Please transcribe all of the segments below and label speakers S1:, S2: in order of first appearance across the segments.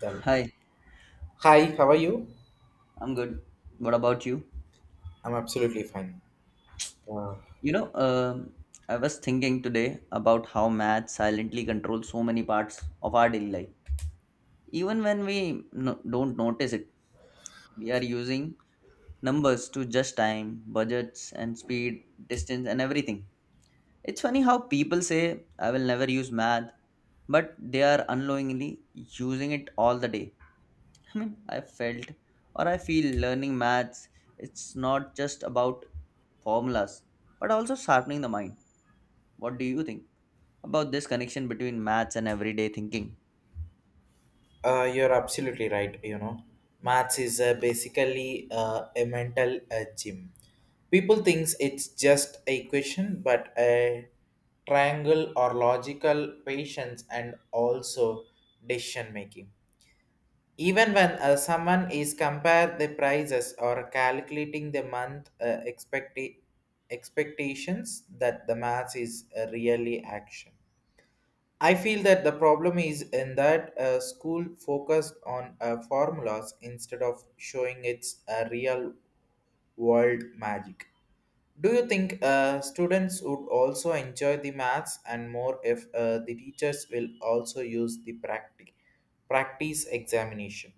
S1: Done.
S2: Hi,
S1: Hi, how are you?
S2: I'm good. What about you?
S1: I'm absolutely fine. Uh,
S2: You know, um, I was thinking today about how math silently controls so many parts of our daily life. Even when we don't notice it, we are using numbers to judge time, budgets, and speed, distance, and everything. It's funny how people say, I will never use math, but they are unknowingly using it all the day. I mean, I felt or I feel learning maths, it's not just about formulas, but also sharpening the mind. What do you think about this connection between maths and everyday thinking?
S1: you're absolutely right. You know, maths is basically a mental gym. People thinks it's just a equation, but a triangle or logical patience and also decision making. Even when someone is compare the prices or calculating the month expectations, that the maths is really action. I feel that the problem is in that school focused on formulas instead of showing its real world magic. Do you think students would also enjoy the maths and more if the teachers will also use the practice examination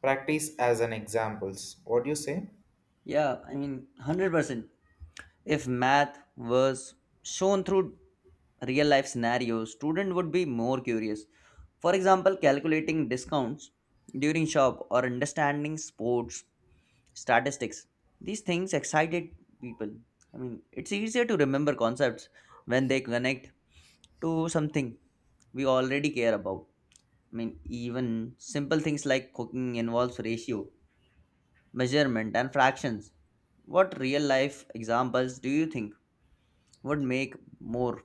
S1: practice as an examples? What do you say?
S2: Yeah, I mean, 100%. If math was shown through real life scenarios, student would be more curious. For example, calculating discounts during shop or understanding sports statistics, these things excited people. I mean, it's easier to remember concepts when they connect to something we already care about. I mean, even simple things like cooking involves ratio, measurement and fractions. What real life examples do you think would make more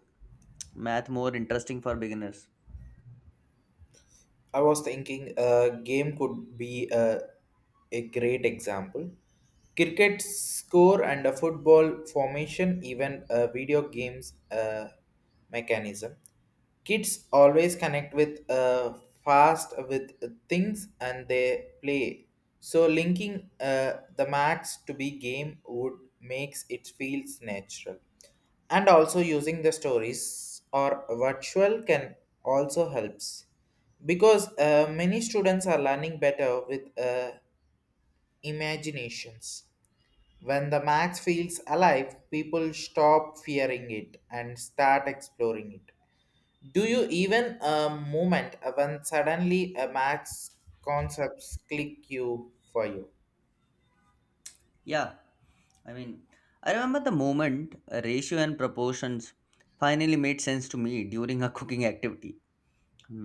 S2: math more interesting for beginners?
S1: I was thinking a game could be a great example. Cricket score and a football formation, even a video games mechanism. Kids always connect with fast with things and they play. So linking the max to be game would makes it feels natural, and also using the stories or virtual can also helps because many students are learning better with imaginations. When the max feels alive, people stop fearing it and start exploring it. Do you even a moment when suddenly a maths concepts click you for you?
S2: Yeah, I mean, I remember the moment ratio and proportions finally made sense to me during a cooking activity.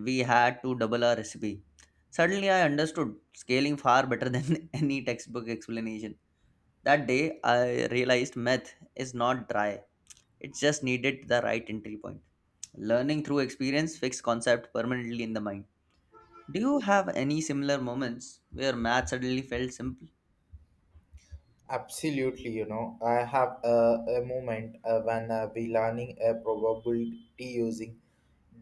S2: We had to double our recipe. Suddenly, I understood scaling far better than any textbook explanation. That day, I realized math is not dry, it just needed the right entry point. Learning through experience fixed concept permanently in the mind. Do you have any similar moments where math suddenly felt simple?
S1: Absolutely, you know, I have a moment when we learning a probability using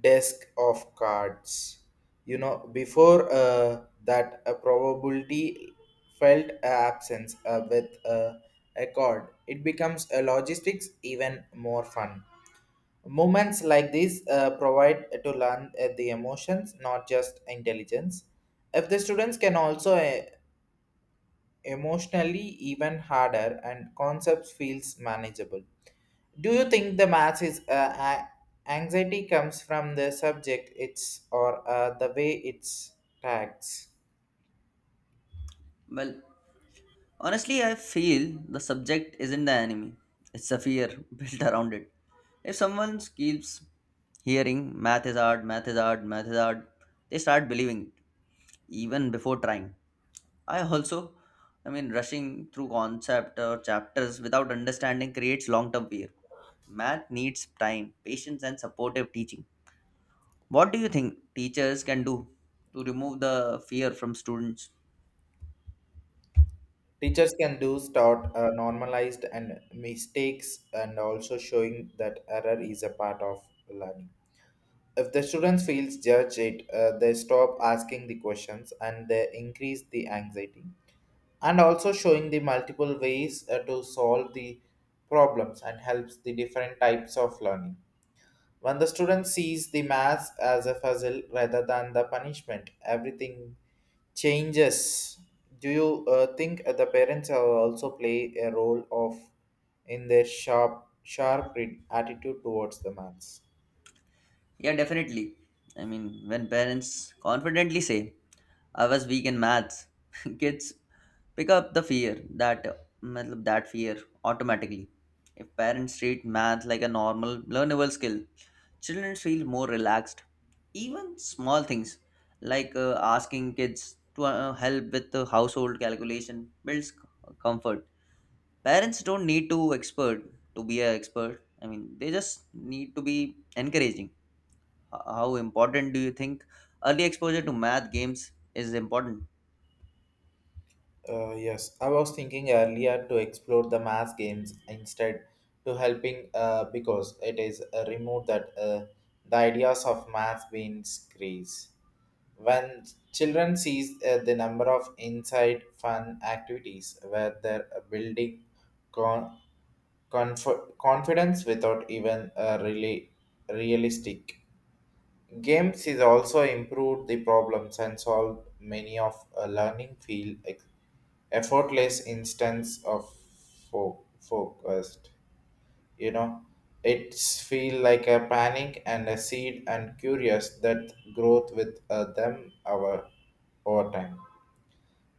S1: desk of cards. You know, before that, a probability felt a absence with a card. It becomes a logistics even more fun. Moments like this provide to learn the emotions, not just intelligence. If the students can also emotionally even harder and concepts feels manageable, do you think the math is anxiety comes from the subject it's or the way it's tags?
S2: Well, Honestly, I feel the subject isn't the enemy, it's the fear built around it. If someone keeps hearing math is hard, math is hard, math is hard, they start believing it even before trying. I also, I mean, rushing through concept or chapters without understanding creates long term fear. Math needs time, patience, and supportive teaching. What do you think teachers can do to remove the fear from students?
S1: Teachers can do start normalized and mistakes and also showing that error is a part of learning. If the students feels judge it they stop asking the questions and they increase the anxiety, and also showing the multiple ways to solve the problems and helps the different types of learning. When the student sees the math as a puzzle rather than the punishment, everything changes. Do you think the parents are also play a role of in their sharp attitude towards the maths?
S2: Yeah, definitely. I mean, when parents confidently say, I was weak in maths, kids pick up the fear that matlab, that fear automatically. If parents treat math like a normal, learnable skill, children feel more relaxed. Even small things like asking kids to help with the household calculation builds comfort. Parents don't need to expert To be an expert. I mean, they just need to be encouraging. How important do you think early exposure to math games is important?
S1: Yes, I was thinking earlier to explore the mass games instead to helping because it is removed that the ideas of mass being screes. When children sees the number of inside fun activities where they're building con- confidence without even really realistic. Games is also improved the problems and solved many of a learning field effortless instance of focused. You know, it's feel like a panic and a seed and curious that growth with them our over time.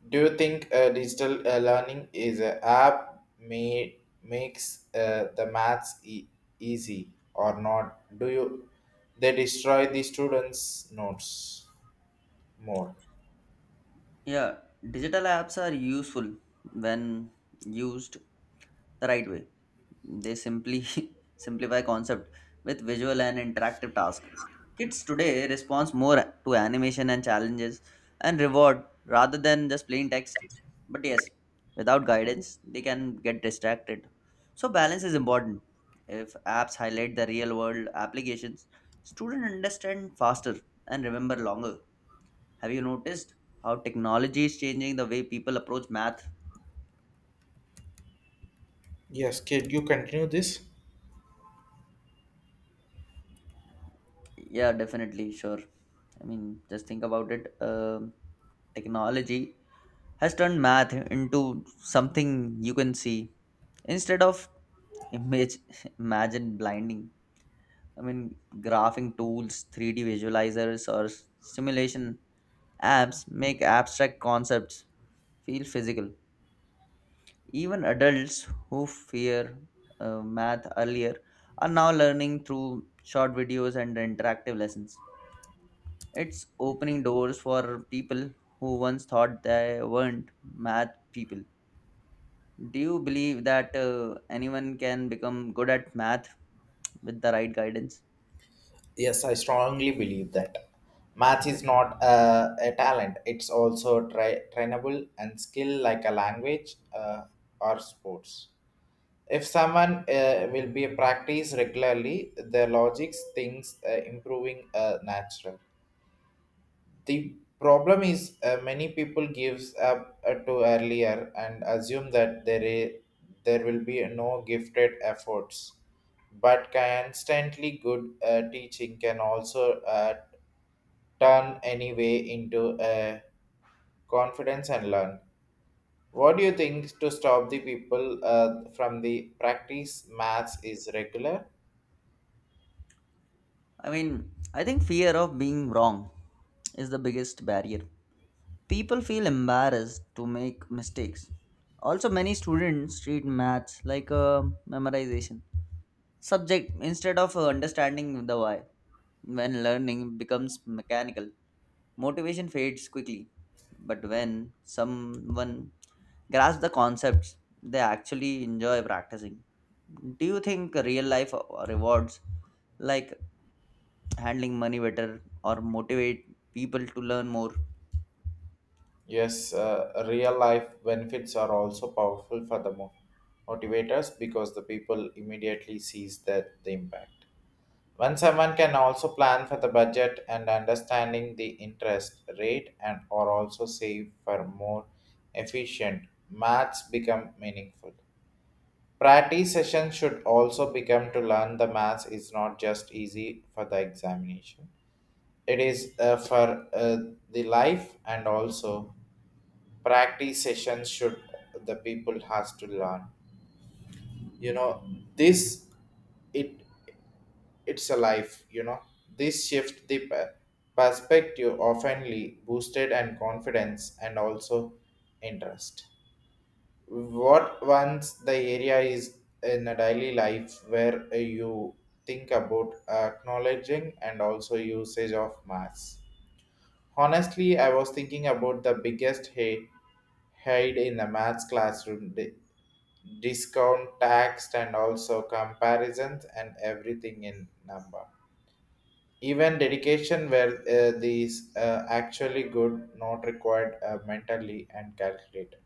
S1: Do you think digital learning is an app made makes the maths easy or not? Do you they destroy the students' notes more?
S2: Yeah, digital apps are useful when used the right way. They simply simplify concept with visual and interactive task. Kids today responds more to animation and challenges and reward rather than just plain text. But yes, without guidance, they can get distracted. So balance is important. If apps highlight the real world applications, students understand faster and remember longer. Have you noticed how technology is changing the way people approach math?
S1: Yes, can you continue this?
S2: Yeah, definitely, sure. I mean, just think about it. Technology has turned math into something you can see instead of image imagine blinding. I mean, graphing tools, 3D visualizers, or simulation apps make abstract concepts feel physical. Even adults who fear math earlier are now learning through short videos and interactive lessons. It's opening doors for people who once thought they weren't math people. Do you believe that anyone can become good at math with the right guidance?
S1: Yes, I strongly believe that math is not a talent. It's also trainable and skill like a language or sports. If someone will be practice regularly, the logics things improving natural. The problem is many people gives up too earlier and assume that there will be no gifted efforts. But constantly good teaching can also turn any way into a confidence and learn. What do you think to stop the people from the practice maths is regular?
S2: I mean, I think fear of being wrong is the biggest barrier. People feel embarrassed to make mistakes. Also, many students treat maths like a memorization subject instead of understanding the why. When learning becomes mechanical, motivation fades quickly. But when someone grasps the concepts, they actually enjoy practicing. Do you think real life rewards like handling money better or motivate people to learn more?
S1: Yes, real life benefits are also powerful for the motivators because the people immediately sees that the impact. When someone can also plan for the budget and understanding the interest rate and or also save for more efficient, maths become meaningful. Practice sessions should also become to learn the maths is not just easy for the examination. It is for the life, and also practice sessions should the people has to learn, you know, this, it, it's a life, you know. This shift the perspective oftenly boosted and confidence and also interest. What once the area is in a daily life where you think about acknowledging and also usage of mass? Honestly, I was thinking about the biggest hate hide in the maths classroom: discount, tax, and also comparisons and everything in number. Even dedication where these actually good, not required mentally and calculated.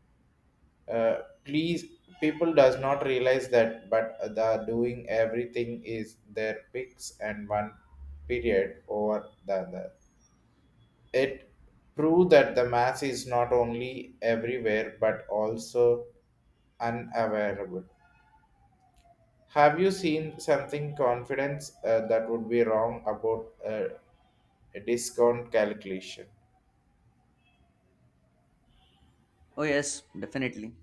S1: Uh, Please, people does not realize that, but the doing everything is their picks and one period over the other. It proved that the mass is not only everywhere but also unavailable. Have you seen something confidence that would be wrong about a discount calculation?
S2: Oh, yes, definitely.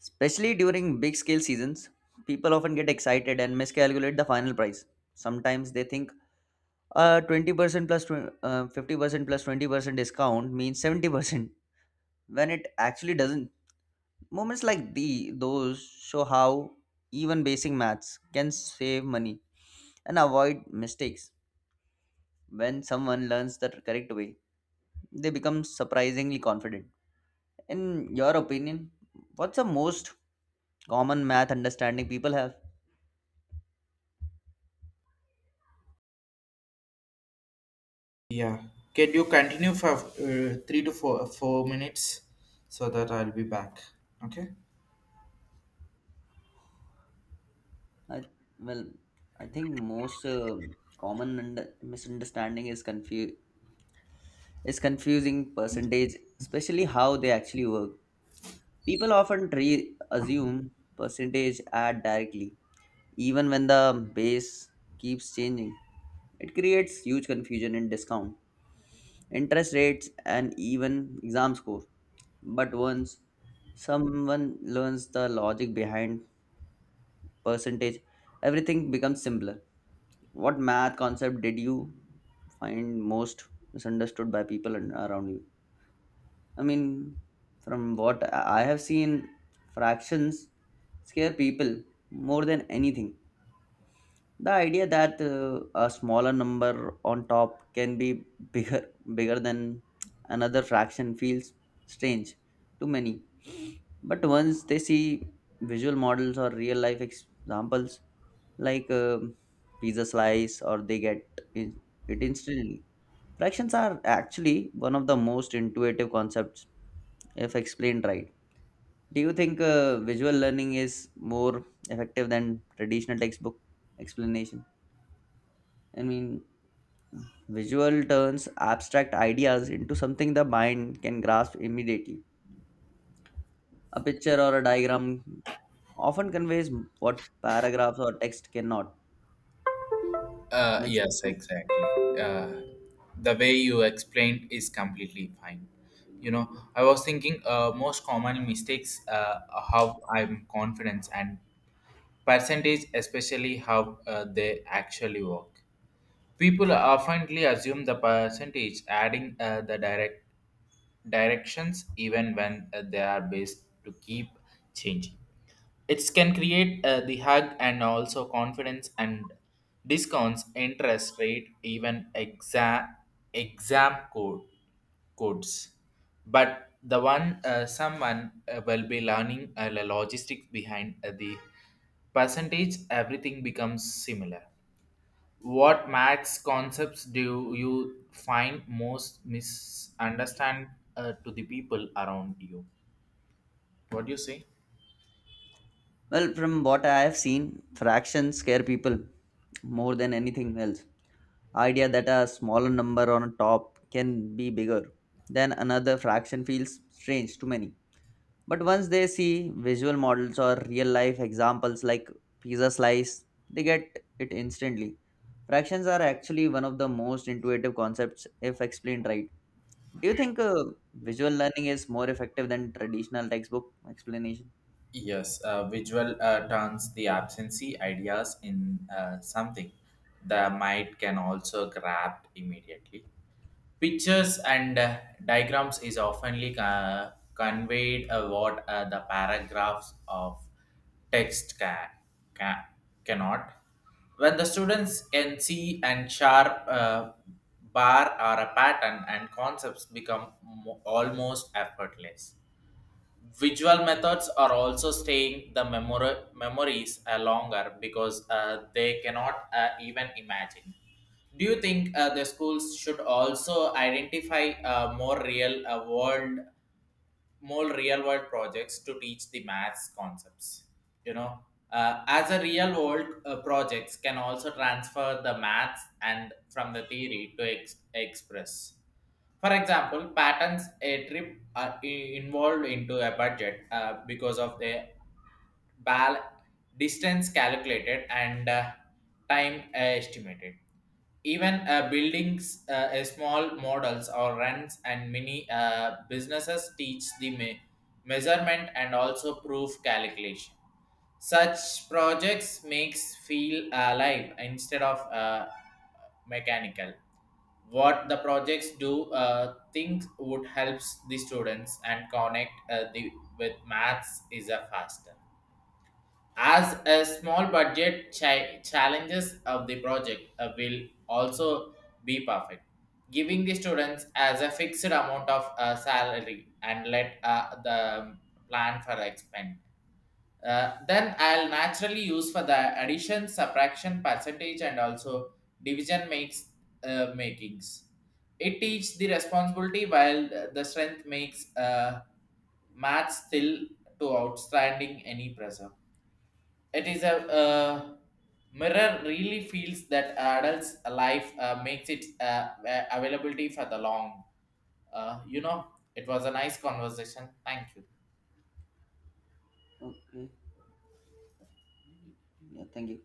S2: Especially during big scale seasons, people often get excited and miscalculate the final price. Sometimes they think 20% plus 50% plus 20% discount means 70% when it actually doesn't. Moments like the those show how even basic maths can save money and avoid mistakes. When someone learns the correct way, they become surprisingly confident. In your opinion, what's the most common math understanding people have?
S1: Yeah. Can you continue for three to four minutes so that I'll be back? Okay.
S2: I, well, I think most common misunderstanding is is confusing percentage, especially how they actually work. People often assume percentage add directly, even when the base keeps changing. It creates huge confusion in discount, interest rates, and even exam score. But once someone learns the logic behind percentage, everything becomes simpler. What math concept did you find most misunderstood by people and around you? I mean, from what I have seen, fractions scare people more than anything. The idea that a smaller number on top can be bigger bigger than another fraction feels strange to many. But once they see visual models or real life examples like pizza slice, or they in- it instantly. Fractions are actually one of the most intuitive concepts if explained right. Do you think visual learning is more effective than traditional textbook explanation? I mean, visual turns abstract ideas into something the mind can grasp immediately. A picture or a diagram often conveys what paragraphs or text cannot. Means
S1: Yes,
S2: to,
S1: exactly. Uh, the way you explained is completely fine. You know, I was thinking most common mistakes, how I'm confidence and percentage, especially how they actually work. People oftenly assume the percentage adding the directions even when they are based to keep changing. It can create the hug and also confidence and discounts interest rate even exam codes. But the one someone will be learning the logistics behind the percentage, everything becomes similar. What Max concepts do you find most misunderstand to the people around you? What do you say?
S2: well, from what I have seen, fractions scare people more than anything else. Idea that a smaller number on top can be bigger than another fraction feels strange to many. But once they see visual models or real life examples like pizza slice, they get it instantly. Fractions are actually one of the most intuitive concepts if explained right. Do you think visual learning is more effective than traditional textbook explanation?
S1: Yes, visual turns the absentee ideas in something the mind can also grab immediately. Pictures and diagrams is oftenly conveyed what the paragraphs of text can cannot. When the students can see and sharp bar or a pattern and concepts become almost effortless. Visual methods are also staying the memories longer because they cannot even imagine. Do you think the schools should also identify more more real world projects to teach the maths concepts? You know, as a real world projects can also transfer the maths and from the theory to express. For example, patterns a trip are involved into a budget because of the bal distance calculated and time estimated, even buildings small models or runs and mini businesses teach the measurement and also proof calculation. Such projects makes feel alive instead of mechanical. What the projects do things would helps the students and connect the with maths is a faster as a small budget challenges of the project will also be perfect, giving the students as a fixed amount of salary and let the plan for expend. Then I'll naturally use for the addition, subtraction, percentage, and also division makes makings. It teaches the responsibility while the strength makes math still to outstanding any pressure. It is a mirror really feels that adults' life makes it availability for the long. You know, it was a nice conversation. Thank you.
S2: Okay. Yeah, thank you.